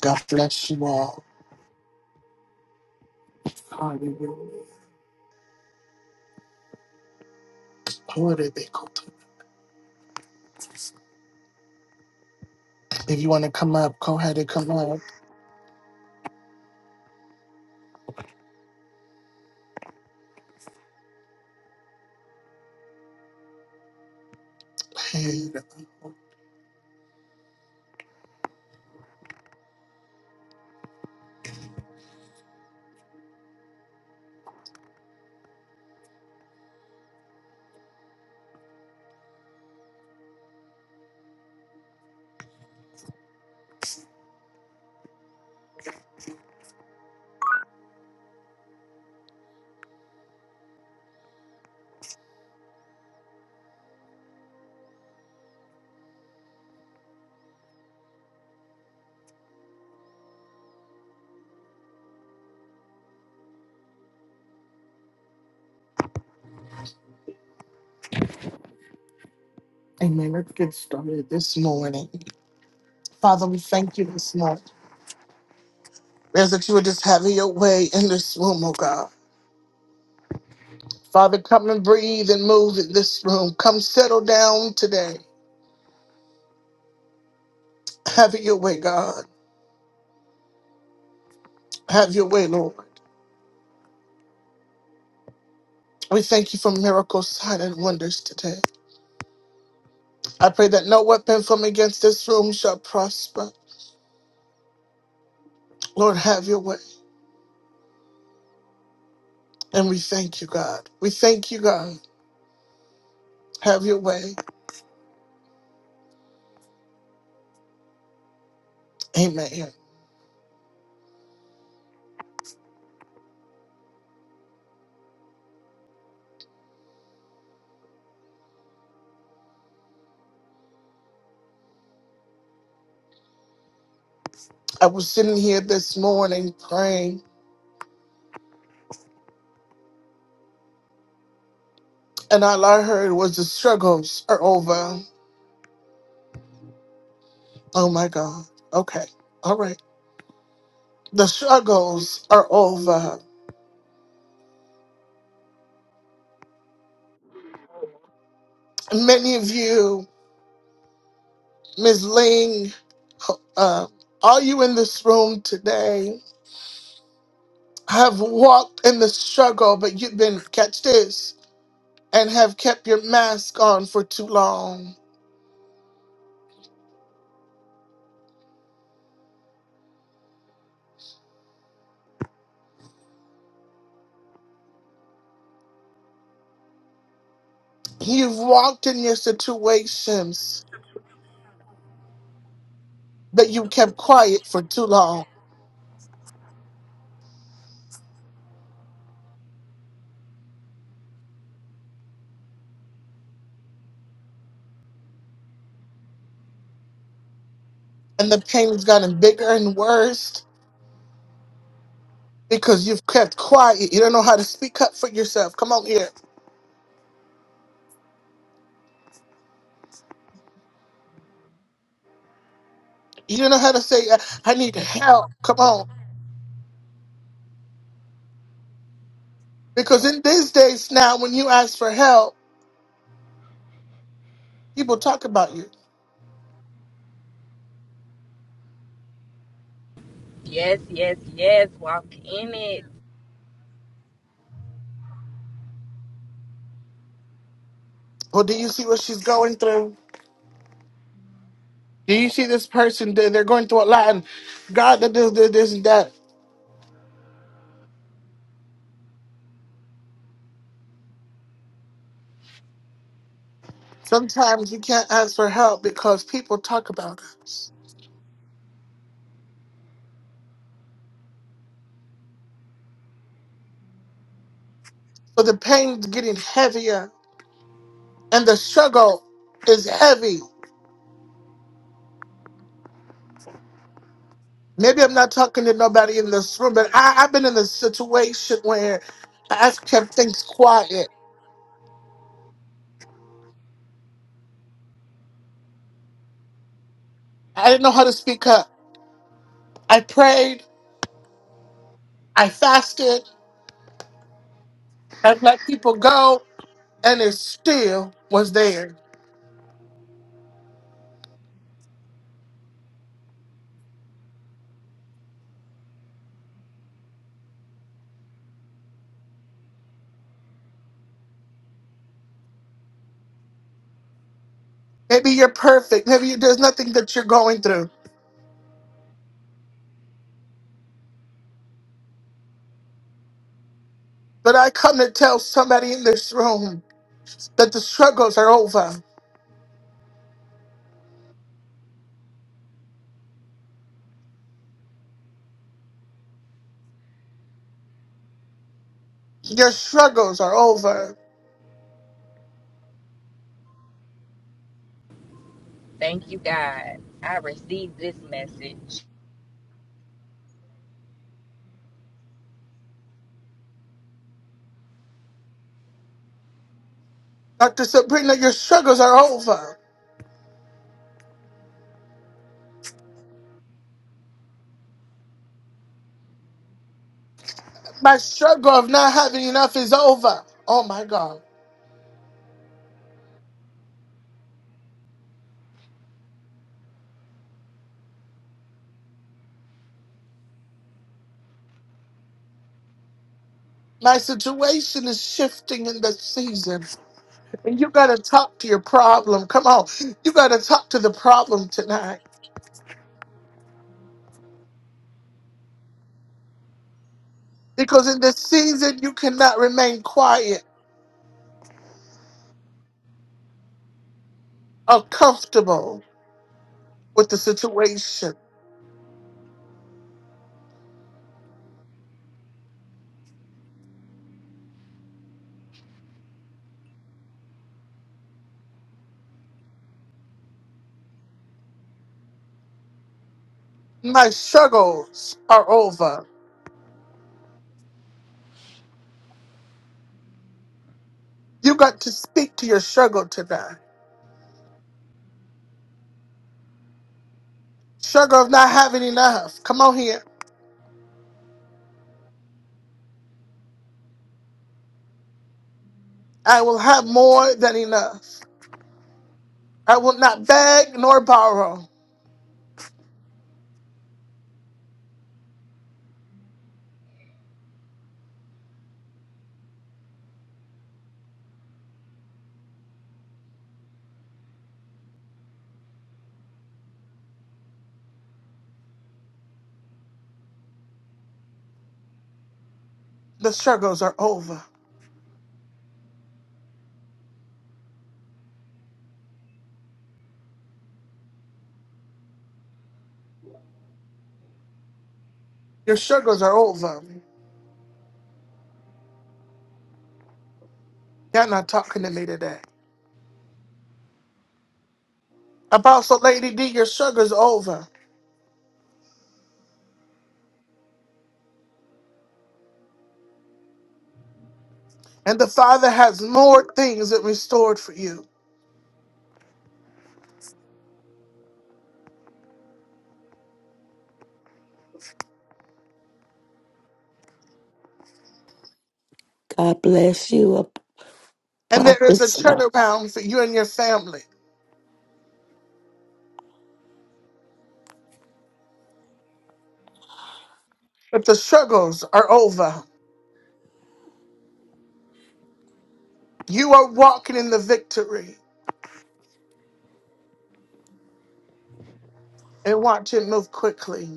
God bless you all. Hallelujah. Glory be to God. If you want to come up, go ahead and come up. Hey, Amen. Let's get started this morning. Father, we thank you this morning. As that you would just have your way in this room, oh God. Father, come and breathe and move in this room. Come settle down today. Have your way, God. Have your way, Lord. We thank you for miracles, signs, and wonders today. I pray that no weapon from against this room shall prosper. Lord, have your way. And we thank you, God. We thank you, God. Have your way. Amen. I was sitting here this morning praying, and all I heard was the struggles are over. Oh my God. Okay. All right. The struggles are over. Many of you, Ms. Ling, uh, are you in this room today? Have walked in the struggle, but you've been, catch this, and have kept your mask on for too long. You've walked in your situations that you kept quiet for too long, and the pain has gotten bigger and worse because you've kept quiet. You don't know how to speak up for yourself. Come on here. You don't know how to say, "I I need help." Come on, because in these days now, when you ask for help, people talk about you. Yes, yes, yes. Walk in it. Well, do you see what she's going through? Do you see this person? They- They're going through a lot, and God, that this, this, this, and that. Sometimes we can't ask for help because people talk about us. So the pain's getting heavier and the struggle is heavy. Maybe I'm not talking to nobody in this room, but I, I've been in a situation where I kept things quiet. I didn't know how to speak up. I prayed, I fasted, I let people go, and it still was there. Maybe you're perfect. Maybe there's nothing that you're going through. But I come to tell somebody in this room that the struggles are over. Your struggles are over. Thank you, God. I received this message. Dr. Sabrina, your struggles are over. My struggle of not having enough is over. Oh my God. My situation is shifting in the season. And you got to talk to your problem. Come on. You got to talk to the problem tonight. Because in this season, you cannot remain quiet or comfortable with the situation. My struggles are over. You got to speak to your struggle tonight. Struggle of not having enough. Come on here. I will have more than enough. I will not beg nor borrow. The struggles are over. Your struggles are over. Y'all not talking to me today. Apostle Lady D, your struggles over. And the Father has more things that restored for you. God bless you, Ap- And Prophet. there is a Smith. turnaround for you and your family. But the struggles are over. You are walking in the victory and watch it move quickly.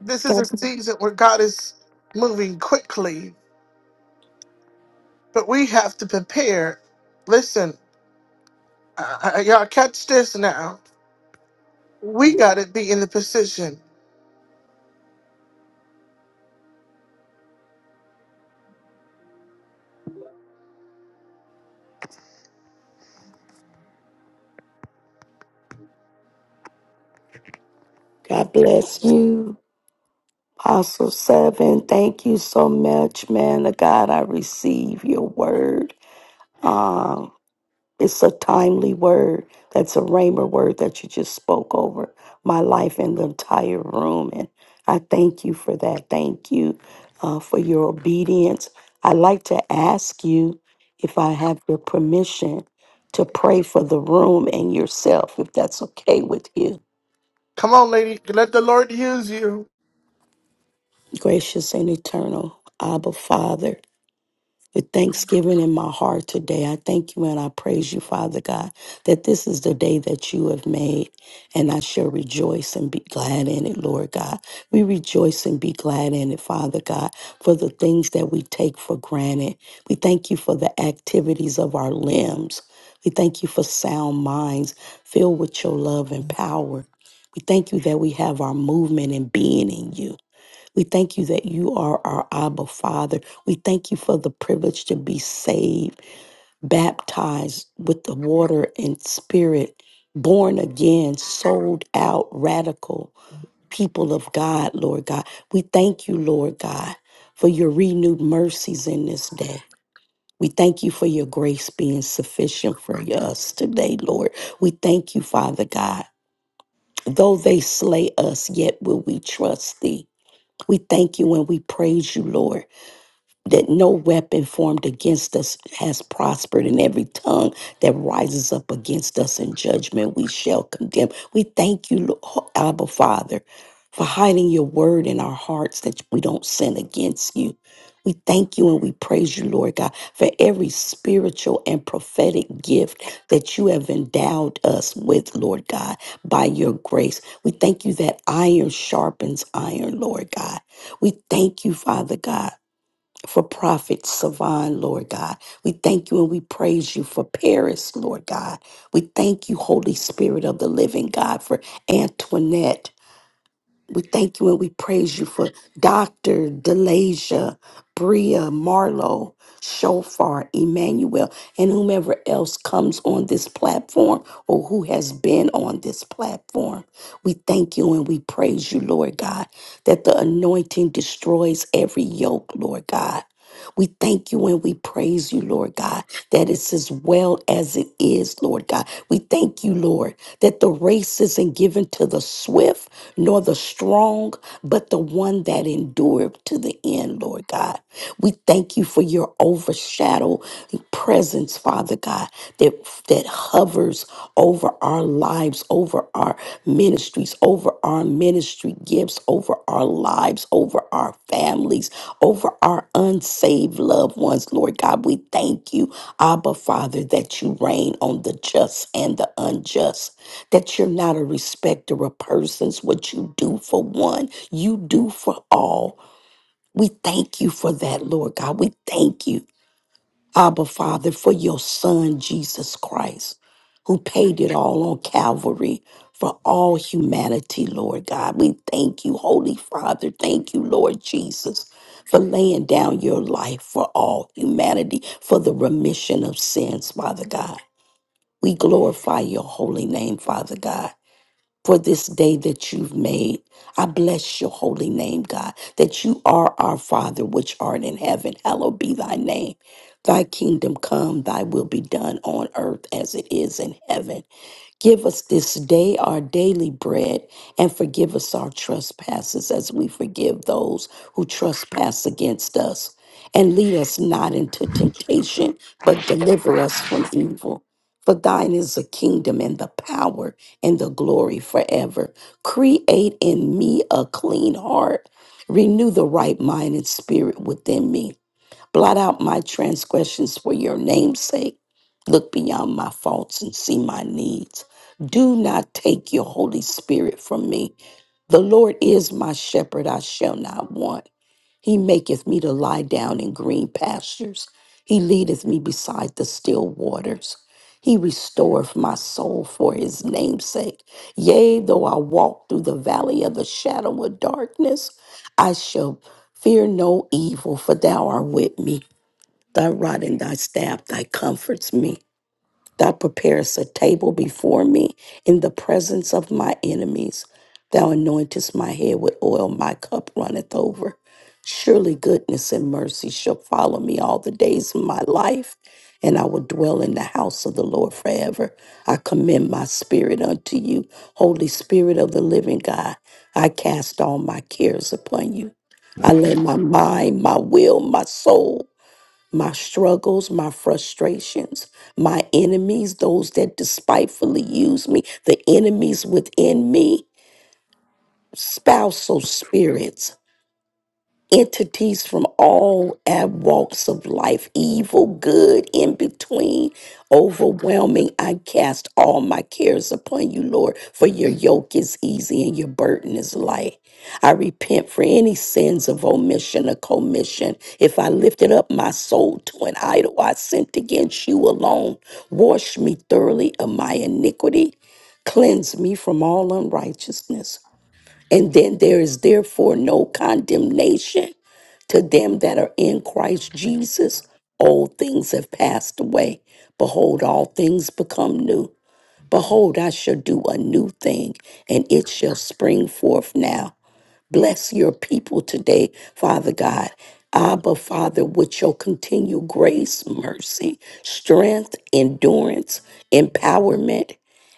This is a God season where God is moving quickly, but we have to prepare. Listen, I, I, y'all catch this now. We got to be in the position. God bless you, Apostle Seven. Thank you so much, man of God. I receive your word. Um, It's a timely word. That's a rhema word that you just spoke over my life and the entire room. And I thank you for that. Thank you uh, for your obedience. I'd like to ask you if I have your permission to pray for the room and yourself, if that's okay with you. Come on, lady. Let the Lord use you. Gracious and eternal Abba Father. with thanksgiving in my heart today. I thank you and I praise you, Father God, that this is the day that you have made, and I shall rejoice and be glad in it, Lord God. We rejoice and be glad in it, Father God, for the things that we take for granted. We thank you for the activities of our limbs. We thank you for sound minds filled with your love and power. We thank you that we have our movement and being in you. We thank you that you are our Abba Father. We thank you for the privilege to be saved, baptized with the water and spirit, born again, sold out, radical people of God, Lord God. We thank you, Lord God, for your renewed mercies in this day. We thank you for your grace being sufficient for us today, Lord. We thank you, Father God. Though they slay us, yet will we trust thee. We thank you and we praise you, Lord that no weapon formed against us has prospered, and every tongue that rises up against us in judgment we shall condemn. We thank you, Lo- Abba Father, for hiding your word in our hearts that we don't sin against you. We thank you and we praise you, Lord God, for every spiritual and prophetic gift that you have endowed us with, Lord God, by your grace. We thank you that iron sharpens iron, Lord God. We thank you, Father God for Prophet Savan, Lord God. We thank you and we praise you for Paris, Lord God. We thank you, Holy Spirit of the living God, for Antoinette. We thank you and we praise you for Dr. Delasia, Bria, Marlo, Shofar, Emmanuel, and whomever else comes on this platform or who has been on this platform. We thank you and we praise you, Lord God, that the anointing destroys every yoke, Lord God we thank you and we praise you, Lord God, that it's as well as it is, Lord God. We thank you, Lord, that the race isn't given to the swift nor the strong, but the one that endured to the end, Lord God. We thank you for your overshadowing presence, Father God, that, that hovers over our lives, over our ministries, over our ministry gifts, over our lives, over our families, over our unsaved loved ones. Lord God, we thank you, Abba Father, that you reign on the just and the unjust, that you're not a respecter of persons. What you do for one, you do for all. We thank you for that, Lord God. We thank you Abba, Father, for your Son, Jesus Christ, who paid it all on Calvary for all humanity, Lord God. We thank you, Holy Father. Thank you, Lord Jesus, for laying down your life for all humanity, for the remission of sins, Father God. We glorify your holy name, Father God for this day that you've made. I bless your holy name, God, that you are our Father which art in heaven. Hallowed be thy name. Thy kingdom come, thy will be done on earth as it is in heaven. Give us this day our daily bread and forgive us our trespasses as we forgive those who trespass against us. And lead us not into temptation, but deliver us from evil. For thine is the kingdom and the power and the glory forever. Create in me a clean heart. Renew the right mind and spirit within me. Blot out my transgressions for your name's sake. Look beyond my faults and see my needs. Do not take your Holy Spirit from me. The Lord is my shepherd, I shall not want. He maketh me to lie down in green pastures. He leadeth me beside the still waters. He restoreth my soul for his name's sake. Yea, though I walk through the valley of the shadow of darkness, I shall. Fear no evil, for thou art with me. Thy rod and thy staff, thy comforts me. Thou preparest a table before me in the presence of my enemies. Thou anointest my head with oil, my cup runneth over. Surely goodness and mercy shall follow me all the days of my life, and I will dwell in the house of the Lord forever. I commend my spirit unto you, Holy Spirit of the living God. I cast all my cares upon you. I lay my mind, my will, my soul my struggles, my frustrations, my enemies, those that despitefully use me, the enemies within me, spousal spirits entities from all at walks of life, evil, good, in between, overwhelming. I cast all my cares upon you, Lord, for your yoke is easy and your burden is light. I repent for any sins of omission or commission. If I lifted up my soul to an idol, I sinned against you alone. Wash me thoroughly of my iniquity. Cleanse me from all unrighteousness. And then there is therefore no condemnation to them that are in Christ Jesus. Old things have passed away. Behold, all things become new. Behold, I shall do a new thing, and it shall spring forth now. Bless your people today, Father God. Abba, Father, with your continued grace, mercy, strength, endurance, empowerment.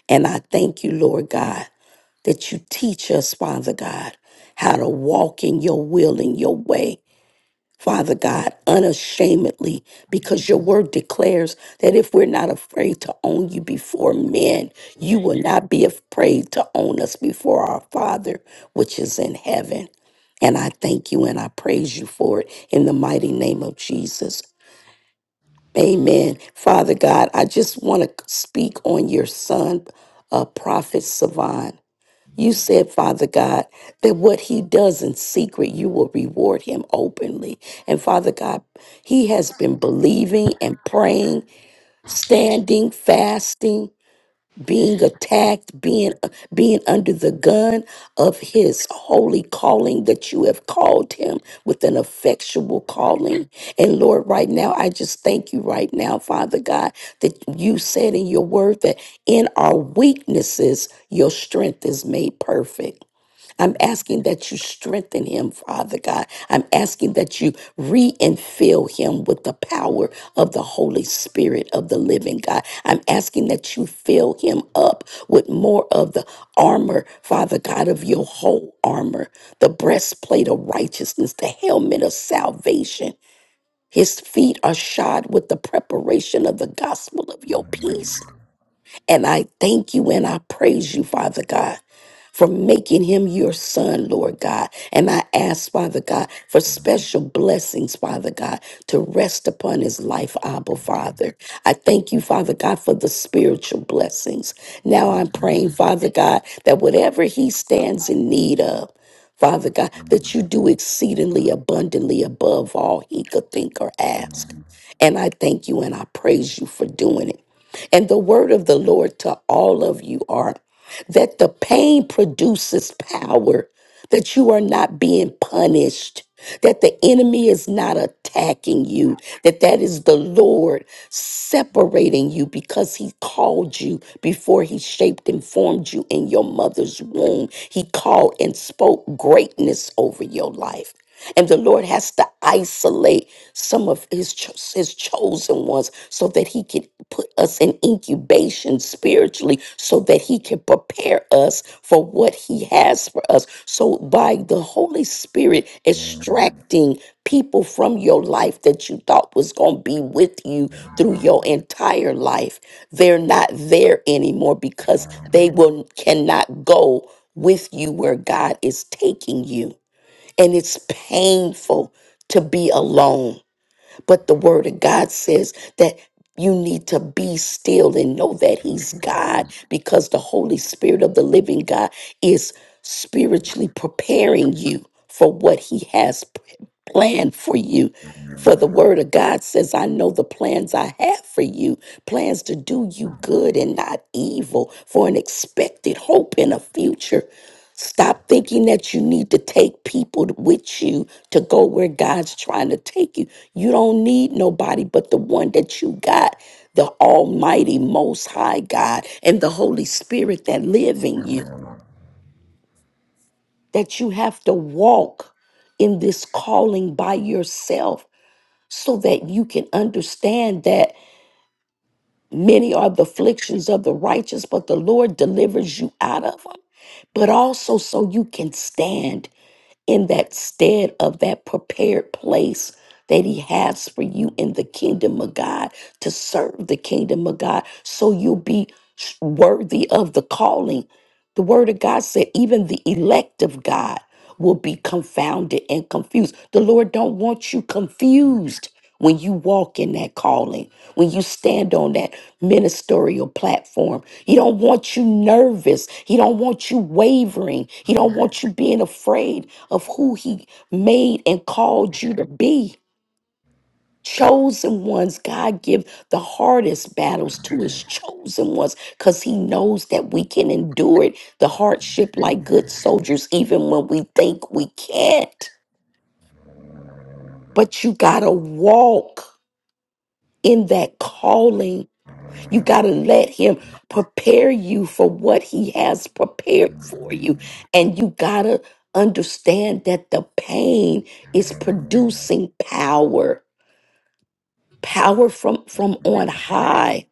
And I thank you, Lord God that you teach us, Father God, how to walk in your will and your way, Father God, unashamedly, because your word declares that if we're not afraid to own you before men, you will not be afraid to own us before our Father, which is in heaven. And I thank you and I praise you for it in the mighty name of Jesus. Amen. Father God, I just want to speak on your son, uh, Prophet Savan. You said, Father God, that what he does in secret, you will reward him openly. And Father God, he has been believing and praying, standing, fasting, being attacked, being being under the gun of his holy calling that you have called him with an effectual calling. And Lord, right now, I just thank you right now, Father God, that you said in your word that in our weaknesses, your strength is made perfect. I'm asking that you strengthen him, Father God. I'm asking that you re-infill him with the power of the Holy Spirit of the living God. I'm asking that you fill him up with more of the armor, Father God, of your whole armor, the breastplate of righteousness, the helmet of salvation. His feet are shod with the preparation of the gospel of your peace. And I thank you and I praise you, Father God from making him your son, Lord God. And I ask, Father God, for special blessings, Father God, to rest upon his life, Abba, Father. I thank you, Father God, for the spiritual blessings. Now I'm praying, Father God, that whatever he stands in need of, Father God, that you do exceedingly abundantly above all he could think or ask. And I thank you and I praise you for doing it. And the word of the Lord to all of you are that the pain produces power, that you are not being punished, that the enemy is not attacking you, that that is the Lord separating you because he called you before he shaped and formed you in your mother's womb. He called and spoke greatness over your life. And the Lord has to isolate some of his, cho- his chosen ones so that he can put us in incubation spiritually, so that he can prepare us for what he has for us. So, by the Holy Spirit extracting people from your life that you thought was going to be with you through your entire life, they're not there anymore because they will cannot go with you where God is taking you and it's painful to be alone. But the word of God says that you need to be still and know that He's God because the Holy Spirit of the living God is spiritually preparing you for what He has p- planned for you. For the word of God says, I know the plans I have for you, plans to do you good and not evil, for an expected hope and a future. Stop thinking that you need to take people with you to go where God's trying to take you. You don't need nobody but the one that you got, the Almighty, Most High God, and the Holy Spirit that live in you. That you have to walk in this calling by yourself so that you can understand that many are the afflictions of the righteous, but the Lord delivers you out of them but also so you can stand in that stead of that prepared place that he has for you in the kingdom of God to serve the kingdom of God so you'll be worthy of the calling. The word of God said even the elect of God will be confounded and confused. The Lord don't want you confused when you walk in that calling, when you stand on that ministerial platform. He don't want you nervous. He don't want you wavering. He don't want you being afraid of who he made and called you to be. Chosen ones, God give the hardest battles to his chosen ones because he knows that we can endure it, the hardship like good soldiers, even when we think we can't. But you got to walk in that calling. You got to let him prepare you for what he has prepared for you. And you got to understand that the pain is producing power power from from on high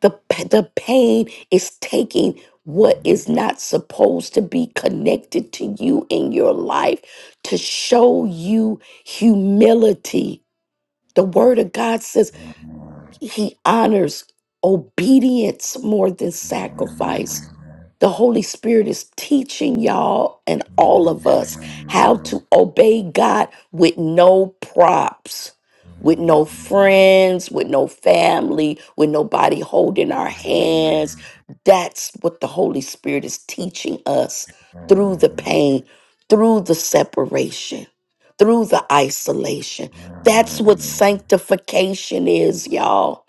the p- the pain is taking what is not supposed to be connected to you in your life to show you humility the word of god says he honors obedience more than sacrifice. The Holy Spirit is teaching y'all and all of us how to obey God with no props, with no friends, with no family, with nobody holding our hands. That's what the Holy Spirit is teaching us through the pain, through the separation, through the isolation. That's what sanctification is, y'all.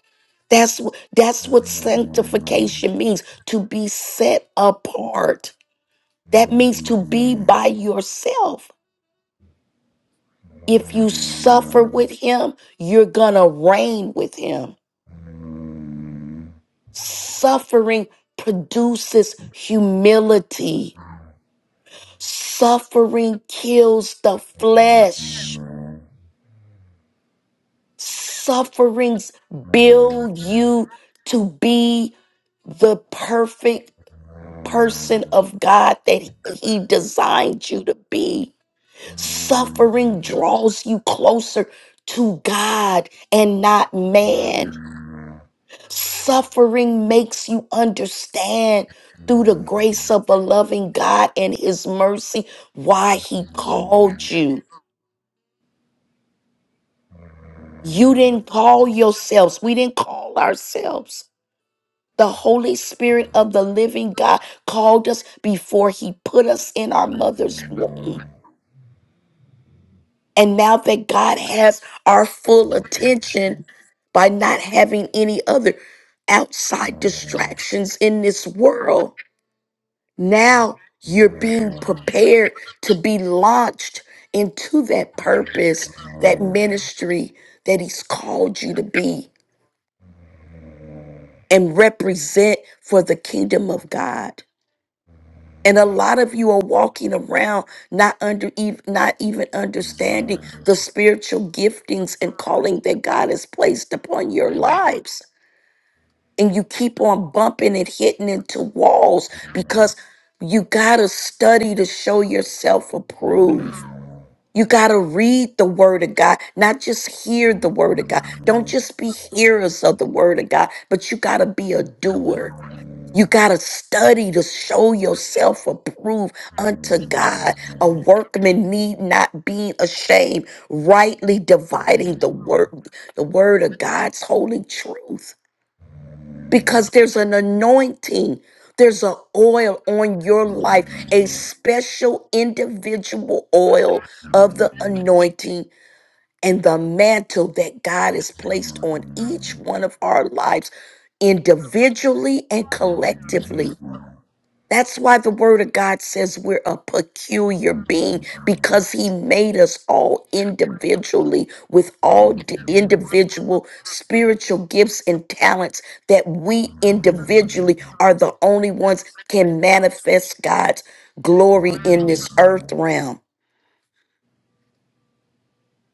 That's wh- that's what sanctification means to be set apart. That means to be by yourself. If you suffer with him, you're going to reign with him. Suffering produces humility. Suffering kills the flesh. Sufferings build you to be the perfect person of God that He He designed you to be. Suffering draws you closer to God and not man. Suffering makes you understand through the grace of a loving God and His mercy why He called you. You didn't call yourselves, we didn't call ourselves. The Holy Spirit of the living God called us before He put us in our mother's womb. And now that God has our full attention by not having any other outside distractions in this world, now you're being prepared to be launched into that purpose, that ministry that He's called you to be and represent for the kingdom of God. And a lot of you are walking around not under even not even understanding the spiritual giftings and calling that God has placed upon your lives. And you keep on bumping and hitting into walls because you got to study to show yourself approved. You got to read the word of God, not just hear the word of God. Don't just be hearers of the word of God, but you got to be a doer. You got to study to show yourself approved unto God. A workman need not be ashamed, rightly dividing the word the word of God's holy truth. Because there's an anointing, there's an oil on your life, a special individual oil of the anointing and the mantle that God has placed on each one of our lives individually and collectively. That's why the word of God says we're a peculiar being because he made us all individually with all d- individual spiritual gifts and talents that we individually are the only ones can manifest God's glory in this earth realm.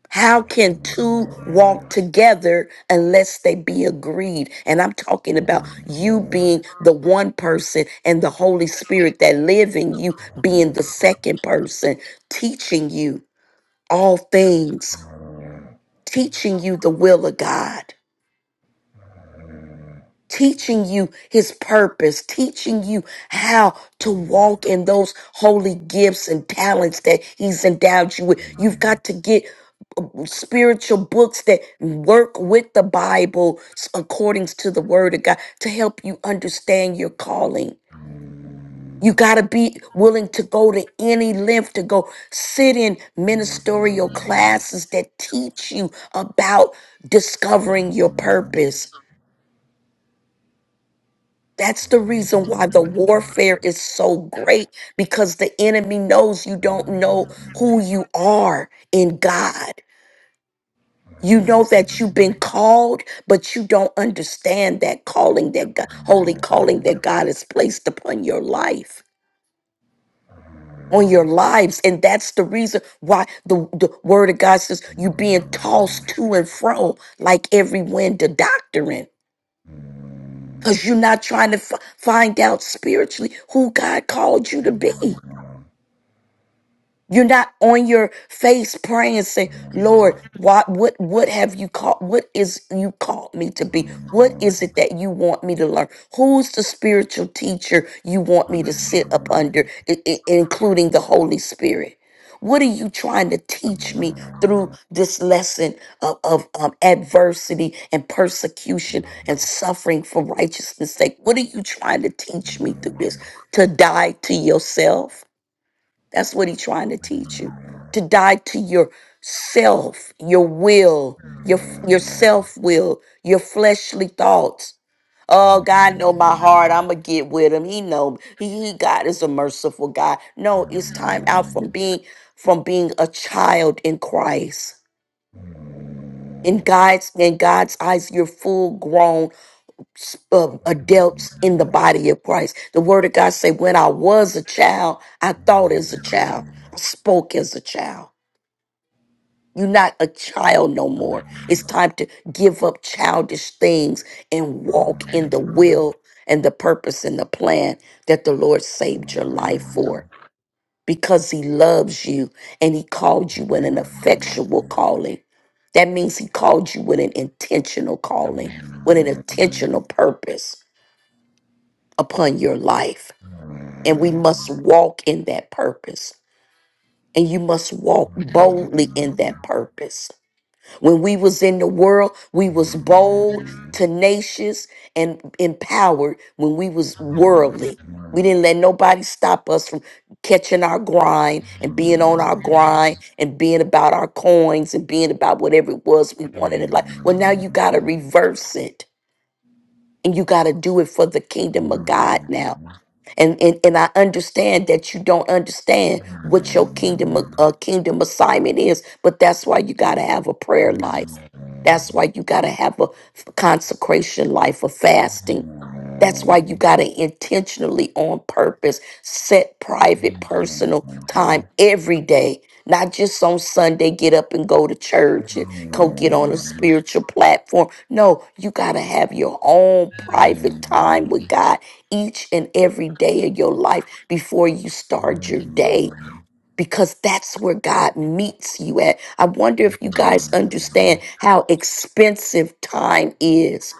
How can two walk together unless they be agreed? And I'm talking about you being the one person and the Holy Spirit that live in you being the second person, teaching you all things, teaching you the will of God. teaching you his purpose, teaching you how to walk in those holy gifts and talents that he's endowed you with. You've got to get um, spiritual books that work with the Bible s- according to the word of God to help you understand your calling. You got to be willing to go to any length to go sit in ministerial classes that teach you about discovering your purpose That's the reason why the warfare is so great because the enemy knows you don't know who you are in God. You know that you've been called, but you don't understand that calling, that God, holy calling that God has placed upon your life, on your lives. And that's the reason why the, the word of God says you're being tossed to and fro like every wind of doctrine because you're not trying to f- find out spiritually who God called you to be. You're not on your face praying and saying, Lord, what what what have you called? What is you called me to be? What is it that you want me to learn? Who's the spiritual teacher you want me to sit up under, i- i- including the Holy Spirit? What are you trying to teach me through this lesson of, of um, adversity and persecution and suffering for righteousness' sake? What are you trying to teach me through this? To die to yourself? That's what he's trying to teach you. To die to yourself, your will, your your self-will, your fleshly thoughts. Oh, God know my heart. I'ma get with him. He know he, he God is a merciful God. No, it's time out from being from being a child in Christ. In God's in God's eyes, you're full grown um, adults in the body of Christ. The Word of God say, "When I was a child, I thought as a child, I spoke as a child." You're not a child no more. It's time to give up childish things and walk in the will and the purpose and the plan that the Lord saved your life for because He loves you and He called you with an effectual calling. That means He called you with an intentional calling, with an intentional purpose upon your life. And we must walk in that purpose. And you must walk boldly in that purpose. When we was in the world, we was bold, tenacious, and empowered when we was worldly. We didn't let nobody stop us from catching our grind and being on our grind and being about our coins and being about whatever it was we wanted in life. Well, now you got to reverse it and you got to do it for the kingdom of God now and and, and I understand that you don't understand what your kingdom a- uh, kingdom assignment is, but that's why you got to have a prayer life. That's why you got to have a f- consecration life, a fasting. That's why you got to intentionally, on purpose, set private, personal time every day, not just on Sunday, get up and go to church and go get on a spiritual platform. No, you got to have your own private time with God each and every day of your life before you start your day because that's where God meets you at. I wonder if you guys understand how expensive time is.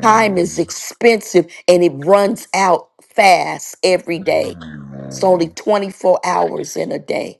Time is I'm expensive and it runs out fast every day. gonna It's get you. only 24 hours in a day.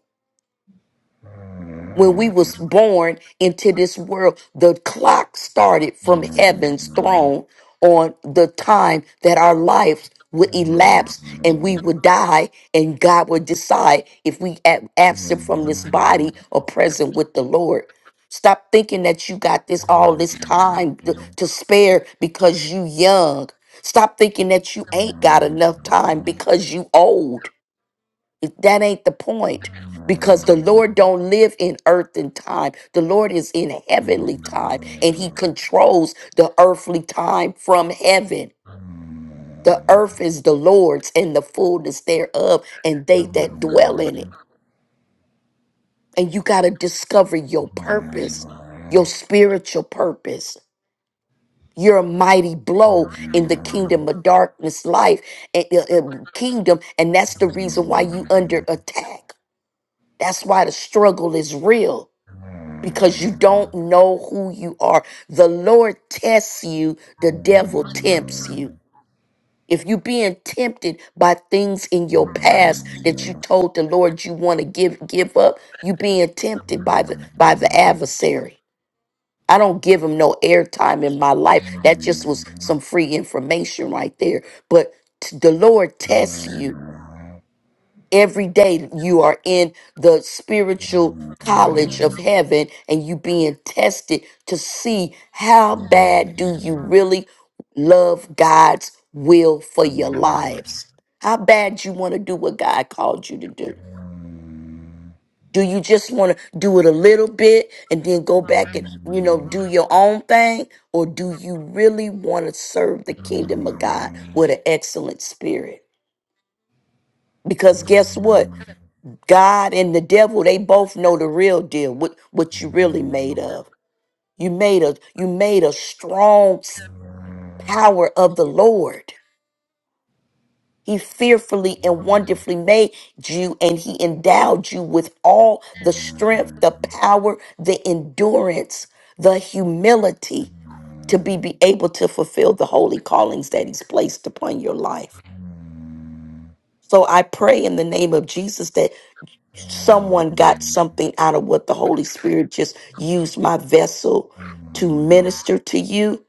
when we was born into this world the clock started from heaven's throne on the time that our lives would elapse and we would die and god would decide if we ab- absent from this body or present with the lord stop thinking that you got this all this time to, to spare because you young stop thinking that you ain't got enough time because you old that ain't the point because the Lord don't live in earth and time. The Lord is in heavenly time and he controls the earthly time from heaven. The earth is the Lord's and the fullness thereof and they that dwell in it. And you got to discover your purpose, your spiritual purpose. You're a mighty blow in the kingdom of darkness life and kingdom and that's the reason why you under attack. That's why the struggle is real because you don't know who you are. The Lord tests you, the devil tempts you. If you're being tempted by things in your past that you told the Lord you want to give give up, you being tempted by the by the adversary. I don't give him no airtime in my life. That just was some free information right there. But t- the Lord tests you every day you are in the spiritual college of heaven and you being tested to see how bad do you really love God's will for your lives. How bad you want to do what God called you to do. Do you just want to do it a little bit and then go back and, you know, do your own thing? Or do you really want to serve the kingdom of God with an excellent spirit? Because guess what? God and the devil, they both know the real deal, what what you really made of. You made a you made a strong s- power of the Lord. He fearfully and wonderfully made you and he endowed you with all the strength, the power, the endurance, the humility to be, be able to fulfill the holy callings that he's placed upon your life. So I pray in the name of Jesus someone got something out of what the Holy Spirit just used my vessel to minister to you.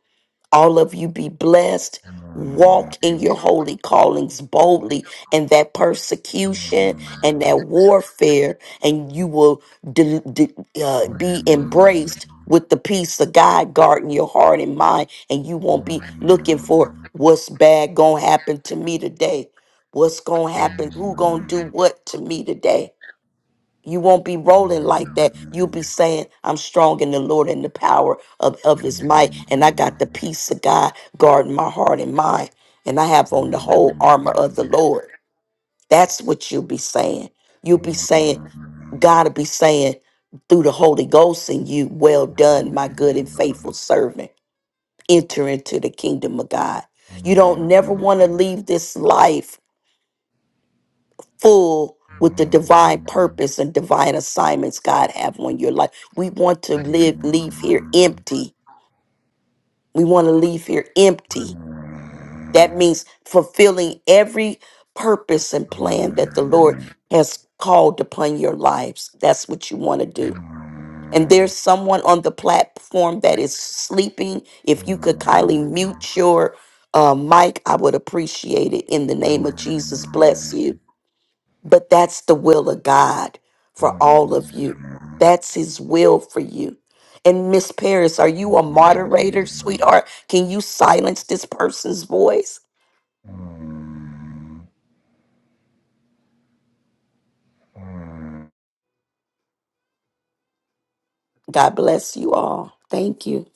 All of you be blessed. Walk in your holy callings boldly, and that persecution and that warfare, and you will de- de- uh, be embraced with the peace of God guarding your heart and mind, and you won't be Thank looking you. for what's bad gonna happen to me today. What's gonna happen? Thank Who gonna do what to me today? You won't be rolling like that. You'll be saying, I'm strong in the Lord and the power of, of his might. And I got the peace of God guarding my heart and mind. And I have on the whole armor of the Lord. That's what you'll be saying. You'll be saying, God will be saying through the Holy Ghost in you, Well done, my good and faithful servant. Enter into the kingdom of God. You don't never want to leave this life full with the divine purpose and divine assignments God have on your life. We want to live leave here empty. We want to leave here empty. That means fulfilling every purpose and plan that the Lord has called upon your lives. That's what you want to do. And there's someone on the platform that is sleeping. If you could kindly mute your uh, mic, I would appreciate it. In the name of Jesus, bless you. But that's the will of God for all of you. That's His will for you. And Miss Paris, are you a moderator, sweetheart? Can you silence this person's voice? Hmm. God bless you all. Thank you.